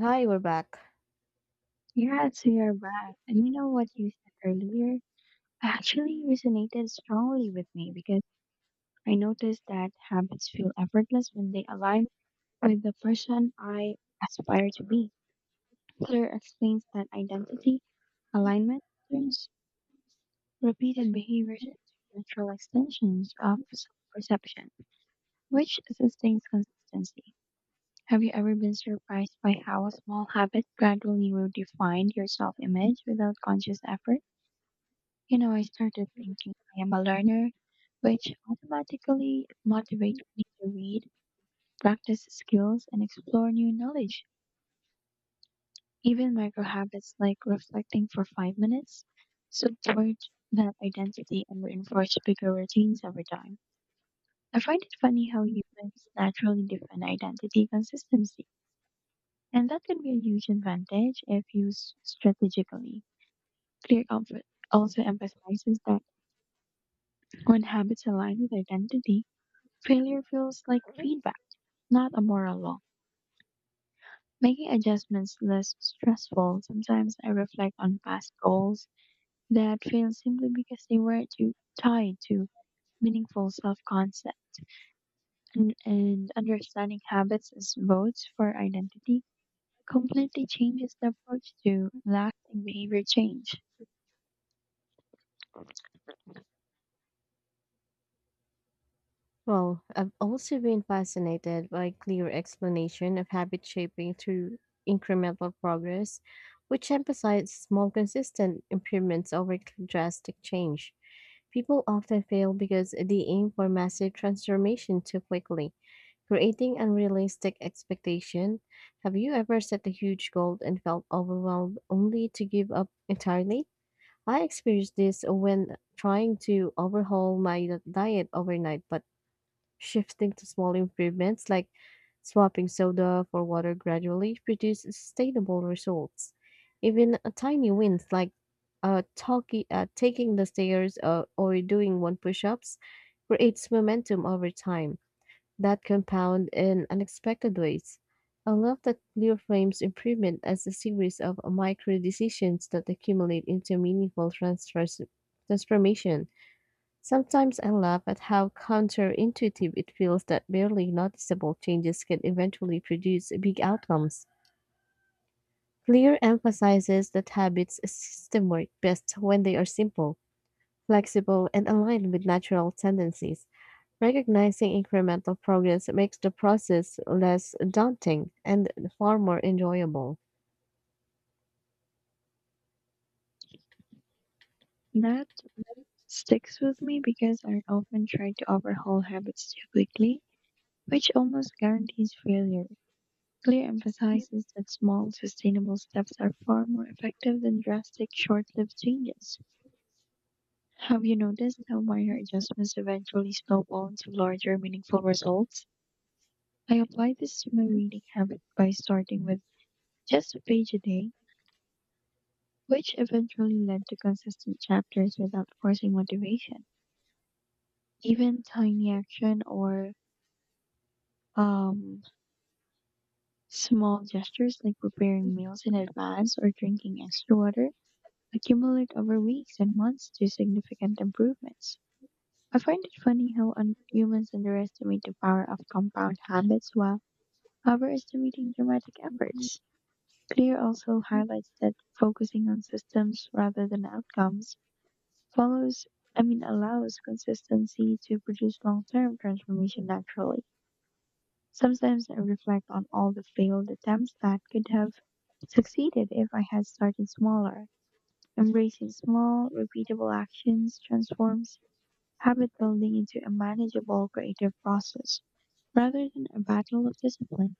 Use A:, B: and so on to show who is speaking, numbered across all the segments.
A: Hi, we're back.
B: Yes, we are back. And you know what you said earlier? Actually resonated strongly with me because I noticed that habits feel effortless when they align with the person I aspire to be. Fuller explains that identity alignment turns repeated behaviors into natural extensions of self-perception, which sustains consistency. Have you ever been surprised by how a small habit gradually redefined your self-image without conscious effort? You know, I started thinking I am a learner, which automatically motivates me to read, practice skills, and explore new knowledge. Even micro habits like reflecting for 5 minutes support that identity and reinforce bigger routines over time. I find it funny how humans naturally defend identity consistency, and that can be a huge advantage if used strategically. Clear comfort also emphasizes that when habits align with identity, failure feels like feedback, not a moral law, making adjustments less stressful. Sometimes I reflect on past goals that failed simply because they were too tied to meaningful self concept. And understanding habits as votes for identity completely changes the approach to lasting behavior change.
A: Well, I've also been fascinated by clear explanation of habit shaping through incremental progress, which emphasize small consistent improvements over drastic change. People often fail because they aim for massive transformation too quickly, creating unrealistic expectation. Have you ever set a huge goal and felt overwhelmed only to give up entirely? I experienced this when trying to overhaul my diet overnight, but shifting to small improvements like swapping soda for water gradually produced sustainable results. Even a tiny wins like taking the stairs or doing one push ups creates momentum over time that compound in unexpected ways. I love that Clear frames improvement as a series of micro decisions that accumulate into meaningful transformation. Sometimes I laugh at how counterintuitive it feels that barely noticeable changes can eventually produce big outcomes. Clear emphasizes that habits system work best when they are simple, flexible, and aligned with natural tendencies. Recognizing incremental progress makes the process less daunting and far more enjoyable.
B: That sticks with me because I often try to overhaul habits too quickly, which almost guarantees failure. Clear emphasizes that small, sustainable steps are far more effective than drastic, short lived changes. Have you noticed how minor adjustments eventually snowball into larger, meaningful results? I apply this to my reading habit by starting with just a page a day, which eventually led to consistent chapters without forcing motivation. Even tiny action or um, small gestures like preparing meals in advance or drinking extra water accumulate over weeks and months to significant improvements. I find it funny how humans underestimate the power of compound habits while overestimating dramatic efforts. Clear also highlights that focusing on systems rather than outcomes follows, allows consistency to produce long term transformation naturally. Sometimes I reflect on all the failed attempts that could have succeeded if I had started smaller. Embracing small, repeatable actions transforms habit building into a manageable creative process rather than a battle of discipline.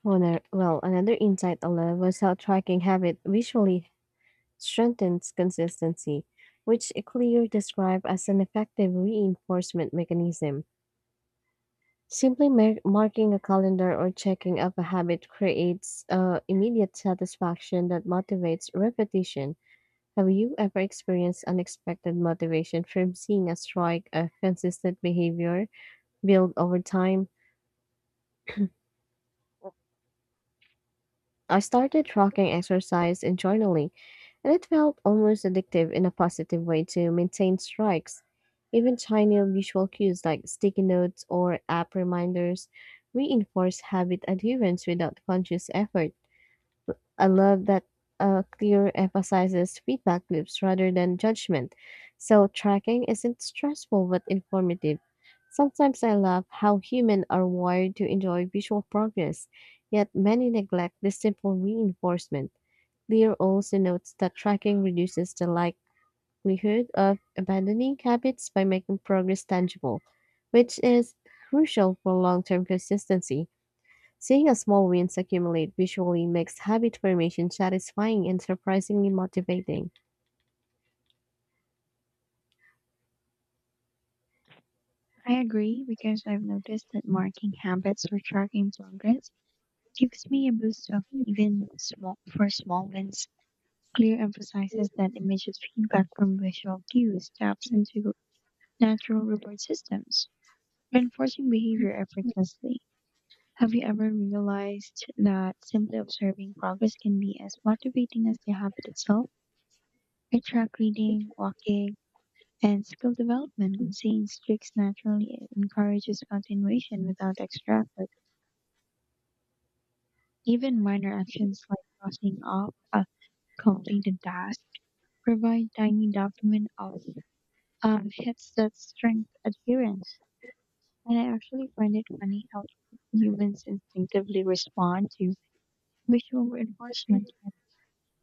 A: Well, another insight I love was how tracking habit visually strengthens consistency, which Clear described as an effective reinforcement mechanism. Simply marking a calendar or checking up a habit creates immediate satisfaction that motivates repetition. Have you ever experienced unexpected motivation from seeing a strike of consistent behavior build over time? I started tracking exercise and journaling, and it felt almost addictive in a positive way to maintain strikes. Even tiny visual cues like sticky notes or app reminders reinforce habit adherence without conscious effort. I love that Clear emphasizes feedback loops rather than judgment. So tracking isn't stressful but informative. Sometimes I love how humans are wired to enjoy visual progress, yet many neglect this simple reinforcement. Clear also notes that tracking reduces the likelihood of abandoning habits by making progress tangible, which is crucial for long term consistency. Seeing a small wins accumulate visually makes habit formation satisfying and surprisingly motivating.
B: I agree because I've noticed that marking habits or tracking progress gives me a boost of even small for small wins. Clear emphasizes that immediate feedback from visual cues taps into natural reward systems, reinforcing behavior effortlessly. Have you ever realized that simply observing progress can be as motivating as the habit itself? I track reading, walking, and skill development, and seeing streaks naturally encourages continuation without extra effort. Even minor actions like crossing off a completed task provide tiny dopamine of hits that strengthen adherence. And I actually find it funny how humans instinctively respond to visual reinforcement.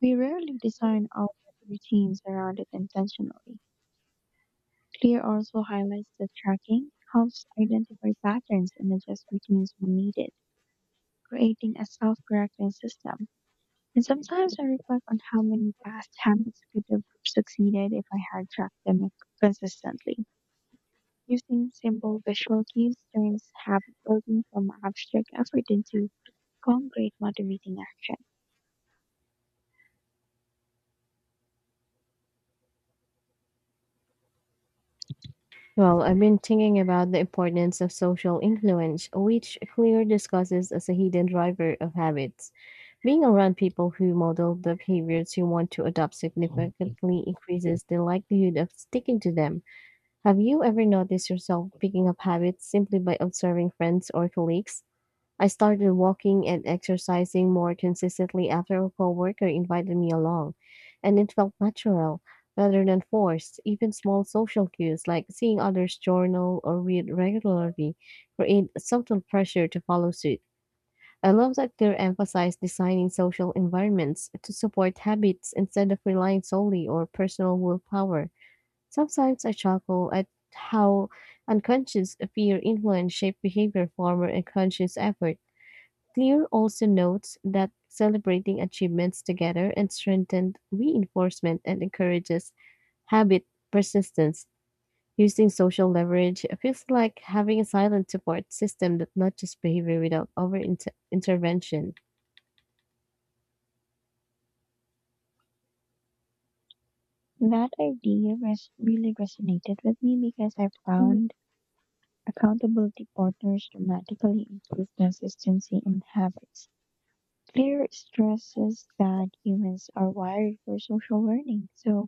B: We rarely design our routines around it intentionally. CLEAR also highlights that tracking helps identify patterns and adjust routines when needed, creating a self correcting system. And sometimes I reflect on how many past habits could have succeeded if I had tracked them consistently. Using simple visual cues turns habit building from abstract effort into concrete motivating action.
A: Well, I've been thinking about the importance of social influence, which Clear discusses as a hidden driver of habits. Being around people who model the behaviors you want to adopt significantly increases the likelihood of sticking to them. Have you ever noticed yourself picking up habits simply by observing friends or colleagues? I started walking and exercising more consistently after a coworker invited me along, and it felt natural rather than forced. Even small social cues like seeing others journal or read regularly create subtle pressure to follow suit. I love that they emphasize designing social environments to support habits instead of relying solely on personal willpower. Sometimes I chuckle at how unconscious fear influence shape behavior former and conscious effort. Clear also notes that celebrating achievements together and strengthened reinforcement and encourages habit persistence. Using social leverage feels like having a silent support system that nudges behavior without intervention.
B: Really resonated with me because I
A: Mm.
B: found accountability partners dramatically improve consistency in habits. Clear stresses that humans are wired for social learning, so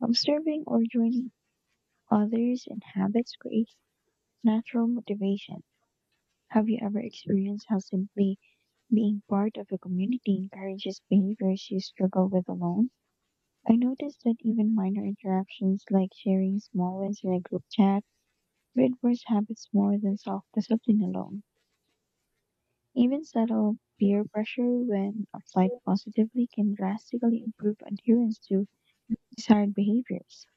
B: observing or joining others in habits creates natural motivation. Have you ever experienced how simply being part of a community encourages behaviors you struggle with alone? I noticed that even minor interactions like sharing small wins in a group chat reinforce habits more than self discipline alone. Even subtle peer pressure, when applied positively, can drastically improve adherence to desired behaviors.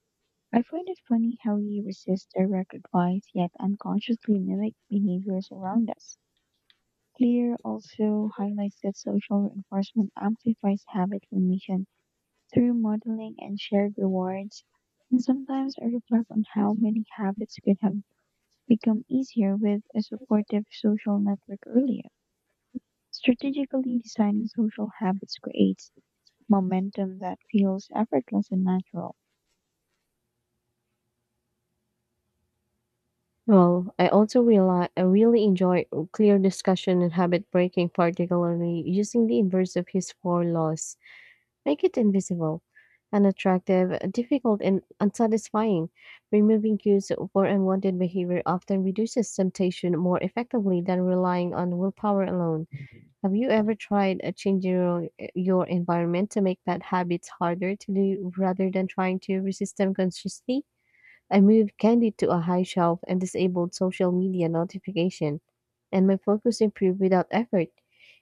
B: I find it funny how we resist direct advice yet unconsciously mimic behaviors around us. Clear also highlights that social reinforcement amplifies habit formation through modeling and shared rewards. And sometimes I reflect on how many habits could have become easier with a supportive social network earlier. Strategically designing social habits creates momentum that feels effortless and natural.
A: Well, I also realize I really enjoy clear discussion and habit breaking, particularly using the inverse of his four laws. Make it invisible, unattractive, difficult, and unsatisfying. Removing cues for unwanted behavior often reduces temptation more effectively than relying on willpower alone. Have you ever tried changing your environment to make bad habits harder to do rather than trying to resist them consciously? I moved candy to a high shelf and disabled social media notification and my focus improved without effort.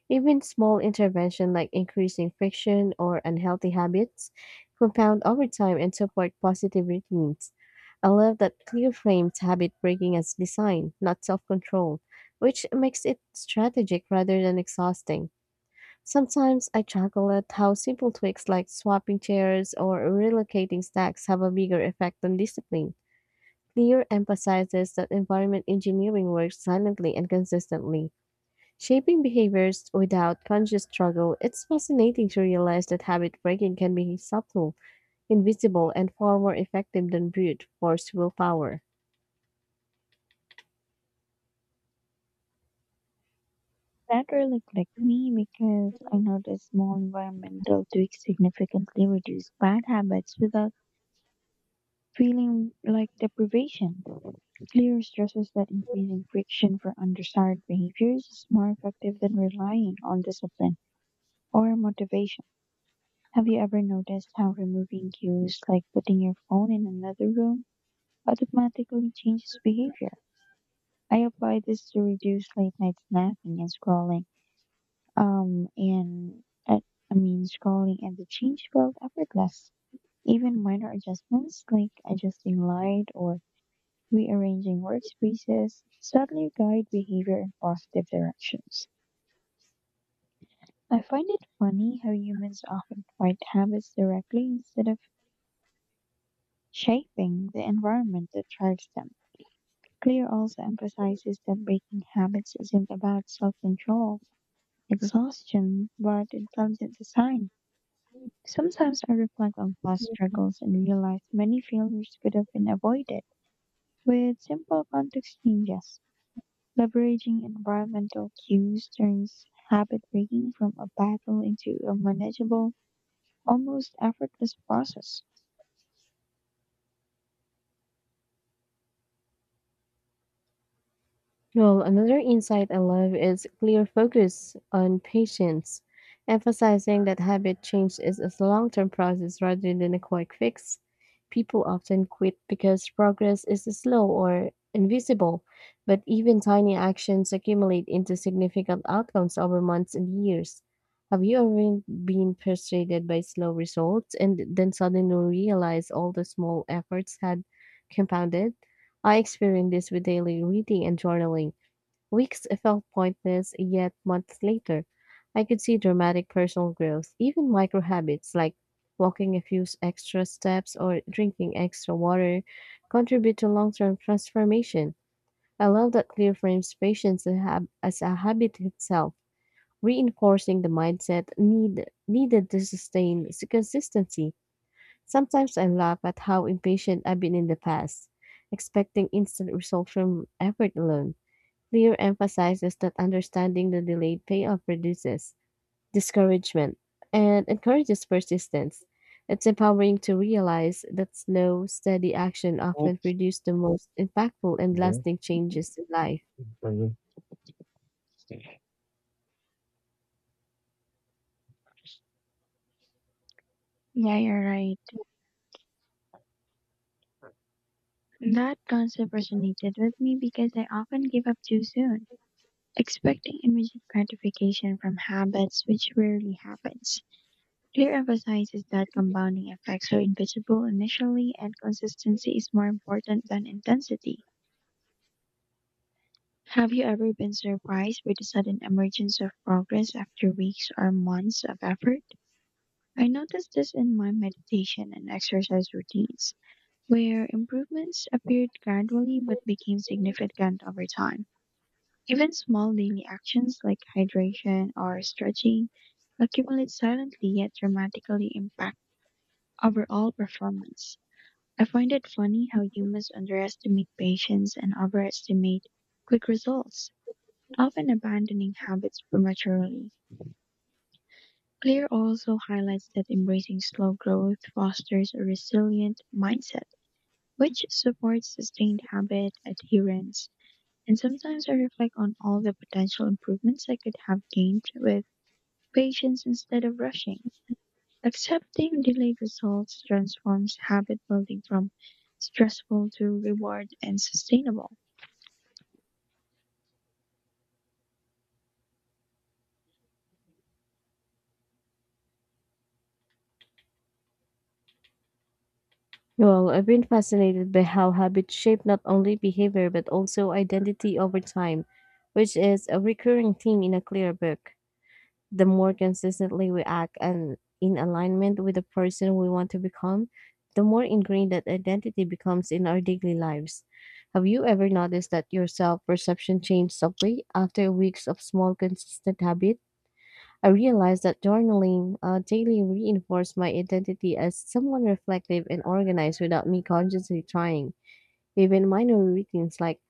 A: Even small intervention like increasing friction or unhealthy habits compound over time and support positive routines. I love that clear frames habit breaking as design, not self control, which makes it strategic rather than exhausting. Sometimes I chuckle at how simple tweaks like swapping chairs or relocating stacks have a bigger effect on discipline. Clear emphasizes that environment engineering works silently and consistently. Shaping behaviors without conscious struggle, it's fascinating to realize that habit breaking can be subtle, invisible, and far more effective than brute force willpower.
B: That really clicked me because I noticed small environmental tweaks significantly reduce bad habits without feeling like deprivation. Clear stresses that increasing friction for undesired behaviors is more effective than relying on discipline or motivation. Have you ever noticed how removing cues like putting your phone in another room automatically changes behavior? I apply this to reduce late night snacking and scrolling. Um, and uh, Scrolling and the change felt effortless. Even minor adjustments like adjusting light or rearranging workspaces suddenly guide behavior in positive directions. I find it funny how humans often fight habits directly instead of shaping the environment that drives them. Clear also emphasizes that breaking habits isn't about self control exhaustion, but intelligent design. Sometimes I reflect on past struggles and realize many failures could have been avoided with simple context changes. Leveraging environmental cues turns habit breaking from a battle into a manageable, almost effortless process.
A: Well, another insight I love is clear focus on patience, emphasizing that habit change is a long term process rather than a quick fix. People often quit because progress is slow or invisible, but even tiny actions accumulate into significant outcomes over months and years. Have you ever been frustrated by slow results and then suddenly realize all the small efforts had compounded? I experienced this with daily reading and journaling. Weeks felt pointless, yet months later, I could see dramatic personal growth. Even micro habits like walking a few extra steps or drinking extra water contribute to long term transformation. I love that Clear frames patience and as a habit itself, reinforcing the mindset needed to sustain consistency. Sometimes I laugh at how impatient I've been in the past, expecting instant results from effort alone. Lear emphasizes that understanding the delayed payoff reduces discouragement and encourages persistence. It's empowering to realize that slow, steady action often
B: Okay.
A: produces the most impactful and lasting changes in life.
B: Mhm. Yeah, you're right. That concept resonated with me because I often give up too soon, expecting immediate gratification from habits, which rarely happens. Clear emphasizes that compounding effects are invisible initially and consistency is more important than intensity. Have you ever been surprised by the sudden emergence of progress after weeks or months of effort? I noticed this in my meditation and exercise routines, where improvements appeared gradually but became significant over time. Even small daily actions like hydration or stretching accumulate silently yet dramatically impact overall performance. I find it funny how humans underestimate patience and overestimate quick results, often abandoning habits prematurely. Clear also highlights that embracing slow growth fosters a resilient mindset, which supports sustained habit adherence. And sometimes I reflect on all the potential improvements I could have gained with patience instead of rushing. Accepting delayed results transforms habit building from stressful to reward and sustainable.
A: Well, I've been fascinated by how habits shape not only behavior but also identity over time, which is a recurring theme in a clear book. The more consistently we act and in alignment with the person we want to become, the more ingrained that identity becomes in our daily lives. Have you ever noticed that your self perception changed subtly after weeks of small, consistent habit? I realized that journaling daily reinforced my identity as someone reflective and organized without me consciously trying. Even minor routines like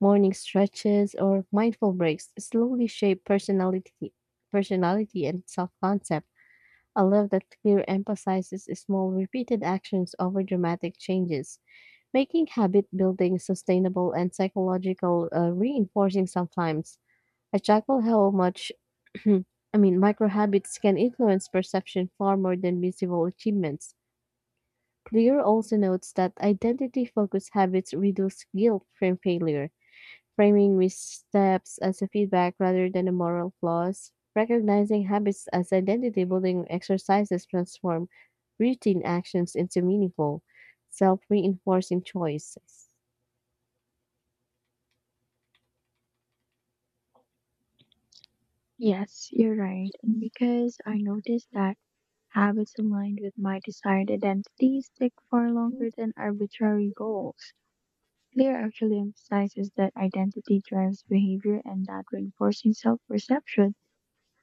A: morning stretches or mindful breaks slowly shape personality and self-concept. A love that clear emphasizes small repeated actions over dramatic changes, making habit building sustainable and psychological reinforcing sometimes. I tackle how much micro habits can influence perception far more than visible achievements. Clear also notes that identity focused habits reduce guilt from failure, framing missteps as a feedback rather than a moral flaws, recognizing habits as identity building exercises transform routine actions into meaningful, self reinforcing choices.
B: Yes, you're right. And because I noticed that habits aligned with my desired identity stick far longer than arbitrary goals. Clear actually emphasizes that identity drives behavior and that reinforcing self perception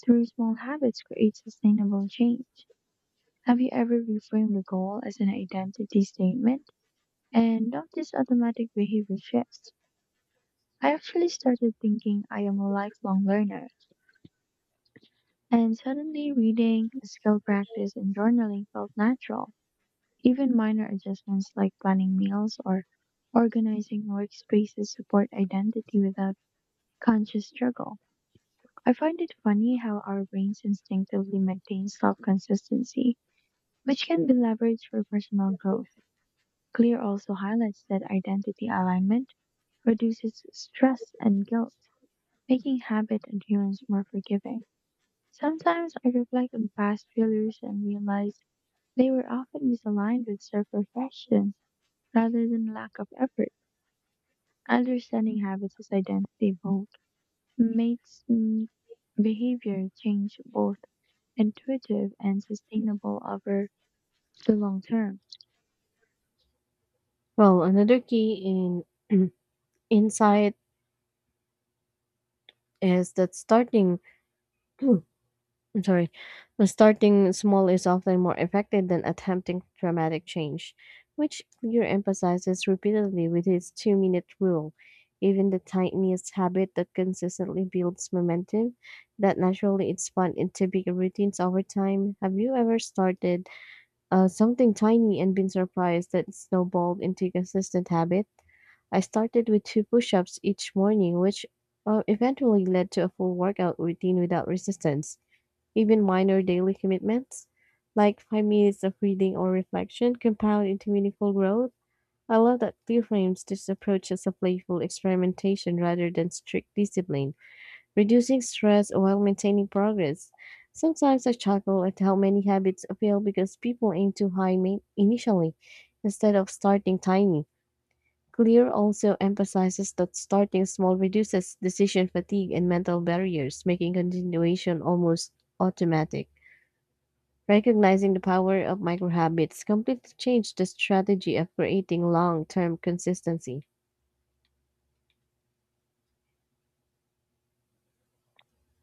B: through small habits creates sustainable change. Have you ever reframed a goal as an identity statement and notice automatic behavior shifts? I actually started thinking I am a lifelong learner, and suddenly reading, skill practice, and journaling felt natural. Even minor adjustments like planning meals or organizing workspaces support identity without conscious struggle. I find it funny how our brains instinctively maintain self consistency, which can be leveraged for personal growth. Clear also highlights that identity alignment reduces stress and guilt, making habit adherence more forgiving. Sometimes I reflect on past failures and realize they were often misaligned with self-reflection rather than lack of effort. Understanding habits as identity vote makes me behavior change both intuitive and sustainable over the long term.
A: Well, another key in insight is that starting I'm sorry. But starting small is often more effective than attempting dramatic change, which Clear emphasizes repeatedly with his 2-minute rule. Even the tiniest habit that consistently builds momentum, that naturally it's spun into bigger routines over time. Have you ever started something tiny and been surprised that it snowballed into a consistent habit? I started with two push ups each morning, which eventually led to a full workout routine without resistance. Even minor daily commitments, like 5 minutes of reading or reflection, compound into meaningful growth. I love that Clear frames this approach as a playful experimentation rather than strict discipline, reducing stress while maintaining progress. Sometimes I chuckle at how many habits fail because people aim too high initially instead of starting tiny. Clear also emphasizes that starting small reduces decision fatigue and mental barriers, making continuation almost automatic. Recognizing the power of microhabits completely changed the strategy of creating long-term consistency.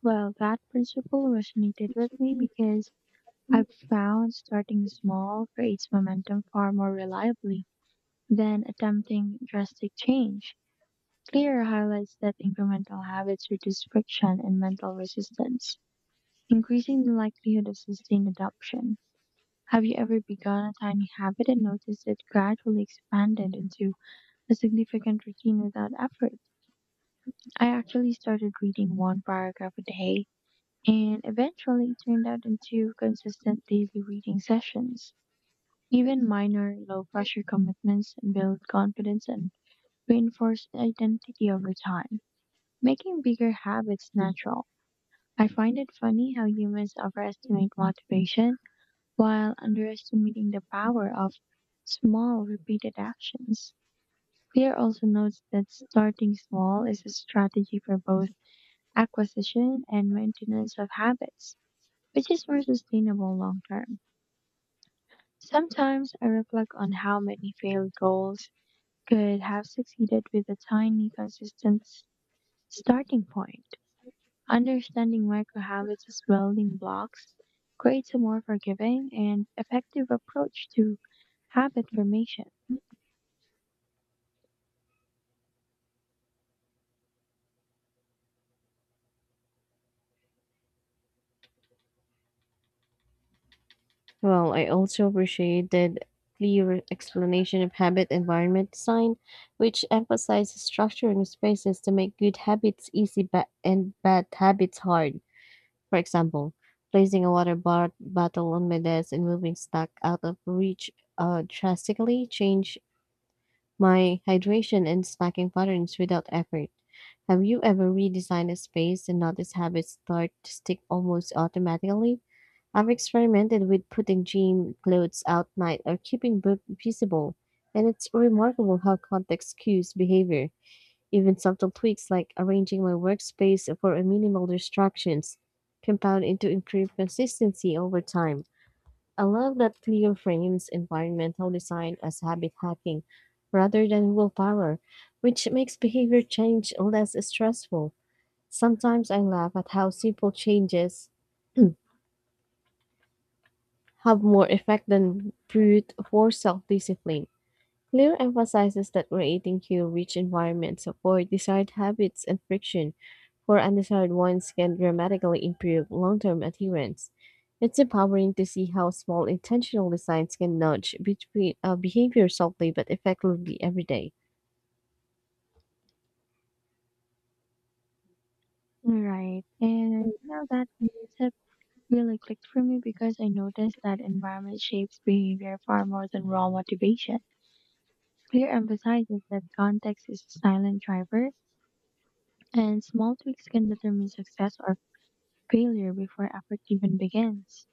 B: Well, that principle resonated with me because I've found starting small creates momentum far more reliably than attempting drastic change. Clear highlights that incremental habits reduce friction and mental resistance, increasing the likelihood of sustained adoption. Have you ever begun a tiny habit and noticed it gradually expanded into a significant routine without effort? I actually started reading one paragraph a day, and eventually it turned out into consistent daily reading sessions. Even minor, low pressure commitments build confidence and reinforce identity over time, making bigger habits natural. I find it funny how humans overestimate motivation while underestimating the power of small, repeated actions. Clear also notes that starting small is a strategy for both acquisition and maintenance of habits, which is more sustainable long term. Sometimes I reflect on how many failed goals could have succeeded with a tiny, consistent starting point. Understanding microhabits as building blocks creates a more forgiving and effective approach to habit formation.
A: Well, I also appreciated clear explanation of habit environment design, which emphasizes structuring spaces to make good habits easy and bad habits hard. For example, placing a bottle on my desk and moving stock out of reach drastically change my hydration and snacking patterns without effort. Have you ever redesigned a space and noticed habits start to stick almost automatically? I've experimented with putting gym clothes out night or keeping book visible, and it's remarkable how context cues behavior. Even subtle tweaks like arranging my workspace for a minimal distractions compound into improved consistency over time. I love that Clio frames environmental design as habit hacking rather than willpower, which makes behavior change less stressful. Sometimes I laugh at how simple changes have more effect than brute force self discipline. Clear emphasizes that creating cue rich environments avoid desired habits and friction for undesired ones can dramatically improve long-term adherence. It's empowering to see how small intentional designs can nudge between behavior softly but effectively every day.
B: Right. And now that concept really clicked for me because I noticed that environment shapes behavior far more than raw motivation. Clear emphasizes that context is a silent driver, and small tweaks can determine success or failure before effort even begins.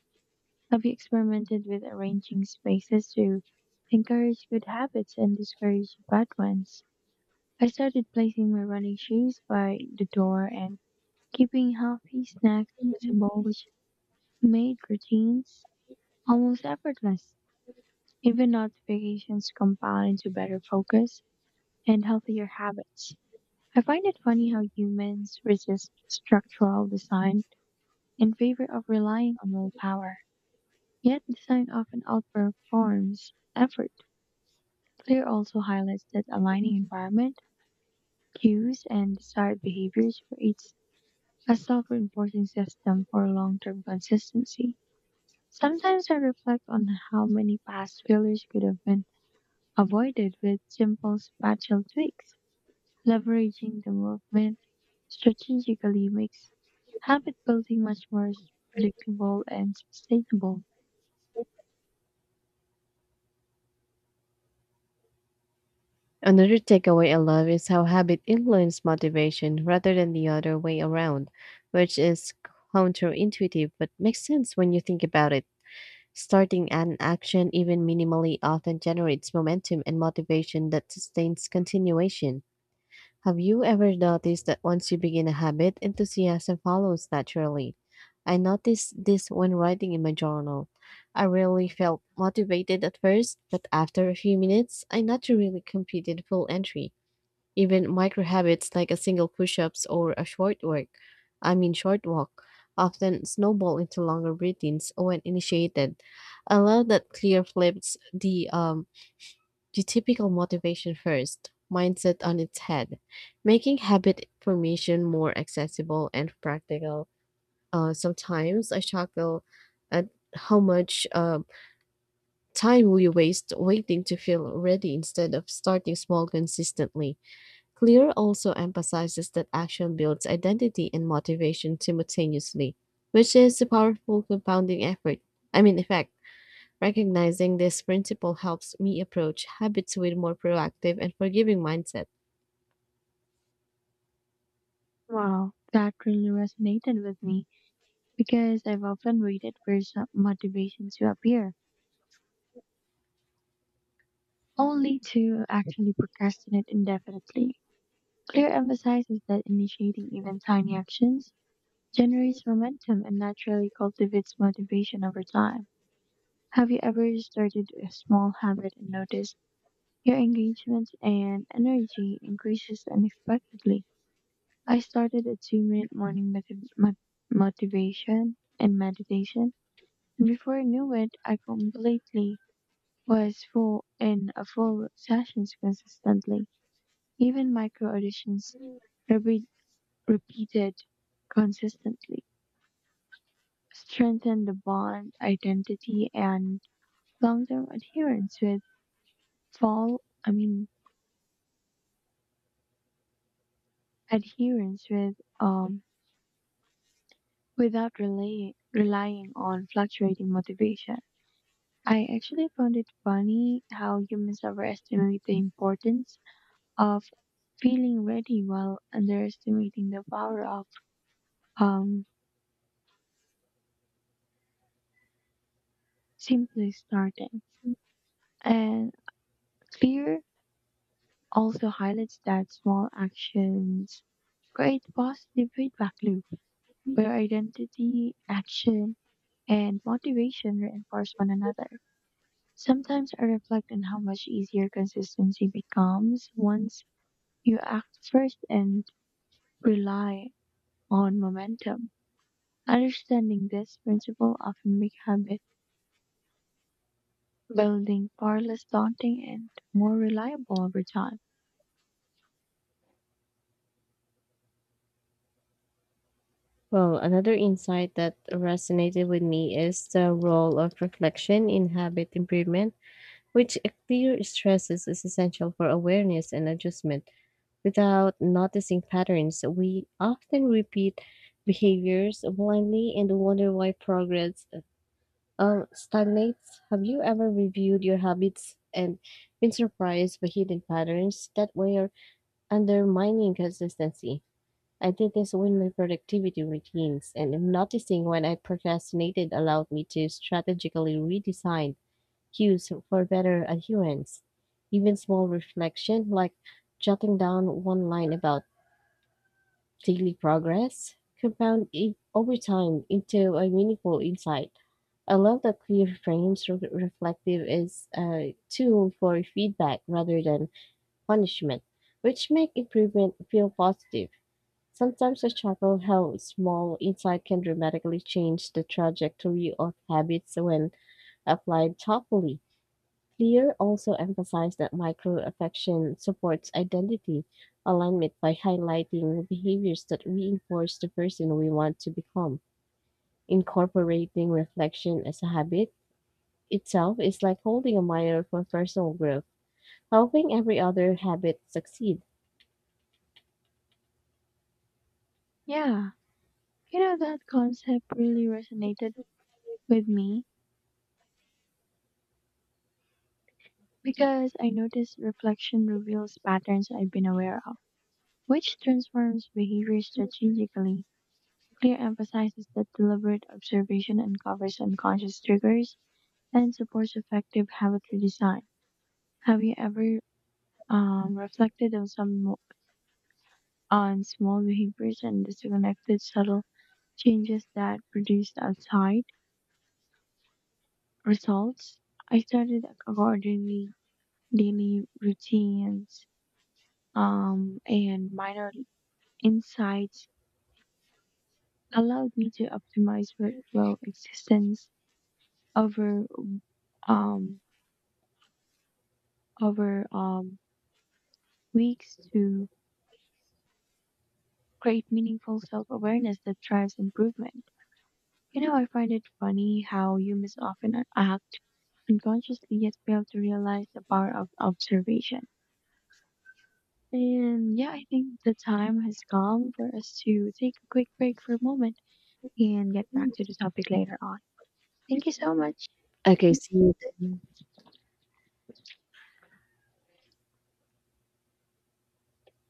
B: Have you experimented with arranging spaces to encourage good habits and discourage bad ones? I started placing my running shoes by the door and keeping healthy snacks visible, which made routines almost effortless. Even notifications compound into better focus and healthier habits. I find it funny how humans resist structural design in favor of relying on willpower, yet design often outperforms effort. Clear also highlights that aligning environment, cues, and desired behaviors creates a self reinforcing system for long term consistency. Sometimes I reflect on how many past failures could have been avoided with simple spatial tweaks. Leveraging the movement strategically makes habit building much more predictable and sustainable.
A: Another takeaway I love is how habit influences motivation rather than the other way around, which is counterintuitive but makes sense when you think about it. Starting an action, even minimally, often generates momentum and motivation that sustains continuation. Have you ever noticed that once you begin a habit, enthusiasm follows naturally? I noticed this when writing in my journal. I rarely felt motivated at first, but after a few minutes, I naturally completed full entry. Even micro habits like a single push-ups or a short work, I mean short walk, often snowball into longer routines when initiated. I love that clear flips the typical motivation first mindset on its head, making habit formation more accessible and practical. Sometimes I chuckle at how much time we waste waiting to feel ready instead of starting small consistently. Clear also emphasizes that action builds identity and motivation simultaneously, which is a powerful compounding effect. Recognizing this principle helps me approach habits with more proactive and forgiving mindset.
B: Wow, that really resonated with me because I've often waited for some motivation to appear only to actually procrastinate indefinitely. Clear emphasizes that initiating even tiny actions generates momentum and naturally cultivates motivation over time. Have you ever started a small habit and noticed your engagement and energy increases unexpectedly? I started a 2 minute morning motivation and meditation, and before I knew it, I completely was full in a full sessions consistently. Even micro-additions, repeat, repeated consistently, strengthen the bond identity and long-term adherence with fall. I mean adherence with um without rely, relying on fluctuating motivation. I actually found it funny how humans overestimate the importance of feeling ready while underestimating the power of um simply starting. And clear also highlights that small actions create positive feedback loop where identity, action, and motivation reinforce one another. Sometimes I reflect on how much easier consistency becomes once you act first and rely on momentum. Understanding this principle often makes habit building far less daunting and more reliable over time.
A: Well, another insight that resonated with me is the role of reflection in habit improvement, which clear stresses is essential for awareness and adjustment. Without noticing patterns, we often repeat behaviors blindly and wonder why progress stagnates. Have you ever reviewed your habits and been surprised by hidden patterns that were undermining consistency? I did this with my productivity routines, and I'm noticing when I procrastinated allowed me to strategically redesign cues for better adherence. Even small reflection, like jotting down one line about daily progress, compound over time into a meaningful insight. I love that clear frames reflective is a tool for feedback rather than punishment, which make improvement feel positive. Sometimes I chuckle how small insight can dramatically change the trajectory of habits when applied thoughtfully. Clear also emphasized that micro affection supports identity alignment by highlighting behaviors that reinforce the person we want to become. Incorporating reflection as a habit itself is like holding a mirror for personal growth, helping every other habit succeed.
B: Yeah, you know, that concept really resonated with me because I notice reflection reveals patterns I've been aware of, which transforms behavior strategically. Clear emphasizes that deliberate observation uncovers unconscious triggers and supports effective habit redesign. Have you ever reflected on small behaviors and disconnected subtle changes that produced outside results? I started accordingly daily routines and minor insights allowed me to optimize workflow existence over um, over weeks to create meaningful self-awareness that drives improvement. You know, I find it funny how humans often act unconsciously yet fail to realize the power of observation. And yeah, I think the time has come for us to take a quick break for a moment and get back to the topic later on. Thank you so much.
A: Okay, see you then.